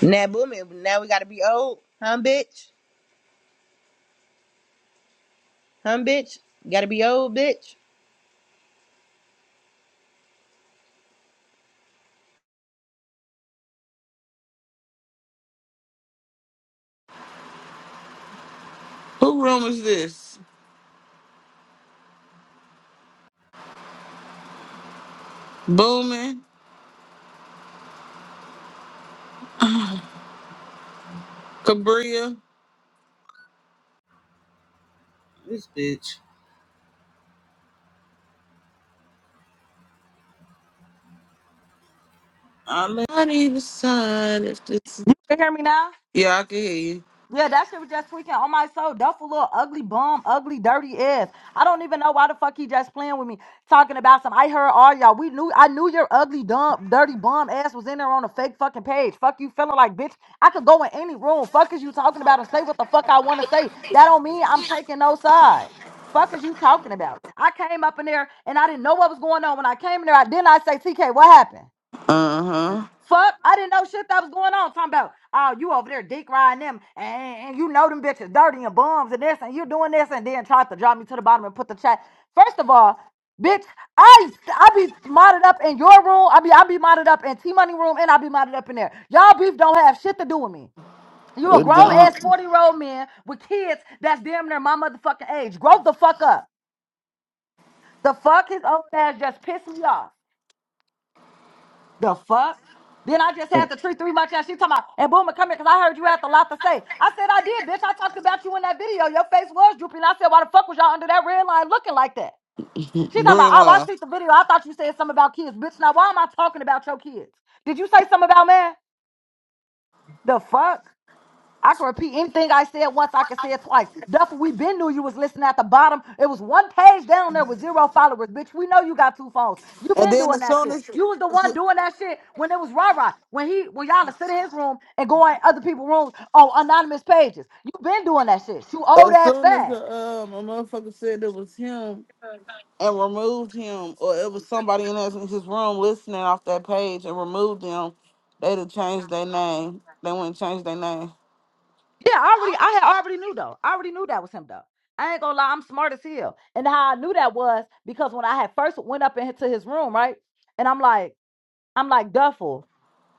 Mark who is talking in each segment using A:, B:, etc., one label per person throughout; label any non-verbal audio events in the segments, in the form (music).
A: Now booming. Now we gotta be old, huh, bitch? Huh, bitch? Gotta be old, bitch.
B: Who room is this? Booming? Cabria? This bitch. I let- I need a sign if this
C: You can hear me now?
B: Yeah, I can hear you.
C: Yeah, that shit was just tweaking on my soul. Duffel little ugly bum, ugly dirty ass. I don't even know why the fuck he just playing with me, talking about some. I heard all y'all. We knew I knew your ugly dumb dirty bum ass was in there on a fake fucking page. Fuck you feeling like bitch. I could go in any room. Fuck is you talking about and say what the fuck I want to say. That don't mean I'm taking no side. Fuck is you talking about? I came up in there and I didn't know what was going on. When I came in there, I didn't I say TK, what happened?
B: Uh-huh.
C: Fuck, I didn't know shit that was going on. Talking about, oh, you over there dick riding them, and, and you know them bitches dirty and bums and this, and you doing this, and then tried to drop me to the bottom and put the chat. First of all, bitch, I I be modded up in your room. I be I be modded up in T Money room, and I be modded up in there. Y'all beef don't have shit to do with me. You a
B: With the-
C: grown ass forty year old man with kids that's damn near my motherfucking age. Grow the fuck up. The fuck his old ass just pissed me off. The fuck? Then I just
B: uh,
C: had to treat three much out. She talking about, and Boomer, come here, because I heard you had a lot to say. I said, I did, bitch. I talked about you in that video. Your face was droopy. And I said, why the fuck was y'all under that red line looking like that? She talking about,
B: Green
C: oh, I
B: line.
C: see the video. I thought you said something about kids, bitch. Now, why am I talking about your kids? Did you say something about man? The fuck? I can repeat anything I said once, I can say it twice. Duff, we been knew you was listening at the bottom. It was one page down there with zero followers, bitch. We know you got two phones. You
B: And
C: been
B: then
C: doing
B: as
C: that
B: soon
C: shit.
B: as
C: You was the one
B: as
C: doing that shit when it was Rah Rah. When he when y'all to sit in his room and go in other people's rooms on anonymous pages. You been doing that shit. You old ass
B: soon as
C: fag.
B: the um a motherfucker said it was him and removed him or it was somebody in his, in his room listening off that page and removed them, they'd have changed their name. They wouldn't change their name.
C: Yeah, I already I had already knew though. I already knew that was him though. I ain't gonna lie, I'm smart as hell. And how I knew that was because when I had first went up into his room, right? And I'm like, I'm like Duffel.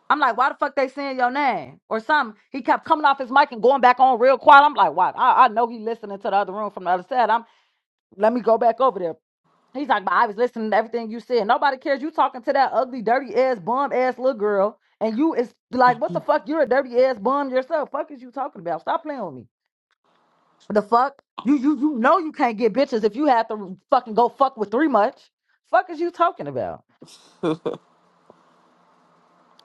C: I'm like, why the fuck they saying your name or something? He kept coming off his mic and going back on real quiet. I'm like, why? I, I know he listening to the other room from the other side. I'm let me go back over there. He's like, but I was listening to everything you said. Nobody cares. You talking to that ugly, dirty ass, bum ass little girl, and you is like, what the fuck? You're a dirty ass bum yourself. Fuck is you talking about? Stop playing with me. The fuck you you you know you can't get bitches if you have to fucking go fuck with three much. Fuck is you talking about?
B: (laughs) yeah.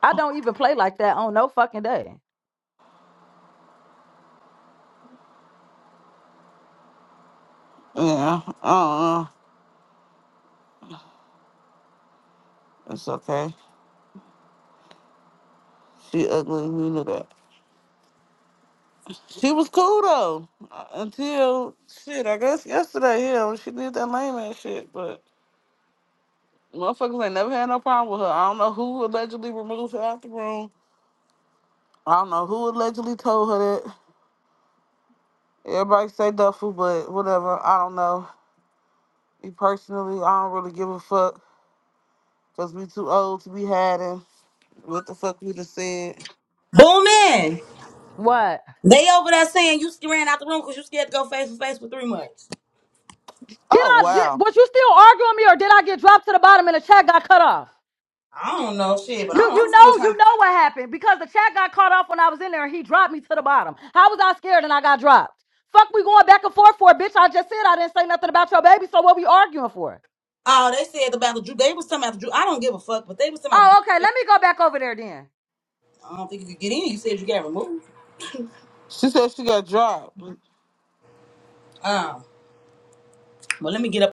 C: I don't even play like that on no fucking day.
B: I don't know. It's okay. She ugly, you knew that. She was cool though. uh, Until shit, I guess yesterday, yeah, when she did that lame ass shit. But motherfuckers ain't never had no problem with her. I don't know who allegedly removed her out the room. I don't know who allegedly told her that. Everybody say duffel, but whatever. I don't know. Me personally, I don't really give a fuck. Cause we too old to be hiding. What the fuck we just said?
D: Booming.
C: What?
D: They over there saying you ran out the room because you scared to go face to face for three months.
C: Did
B: Oh
C: I did
B: wow.
C: was you still arguing with me or did I get dropped to the bottom and the chat got cut off?
D: I don't know shit, but
C: You
D: I don't,
C: you
D: I'm
C: know
D: still
C: you
D: trying.
C: know what happened because the chat got cut off when I was in there and he dropped me to the bottom. How was I scared and I got dropped? Fuck we going back and forth for bitch. I just said I didn't say nothing about your baby, so what we arguing for?
D: Oh, they said about the Drew. They was talking about the Drew. I don't give a fuck, but they was talking
C: Oh,
D: about the
C: okay, let me go back over there then.
D: Drew. I don't think you could get in. You said you got removed.
B: She said she got dropped.
D: Um, well, let me get up.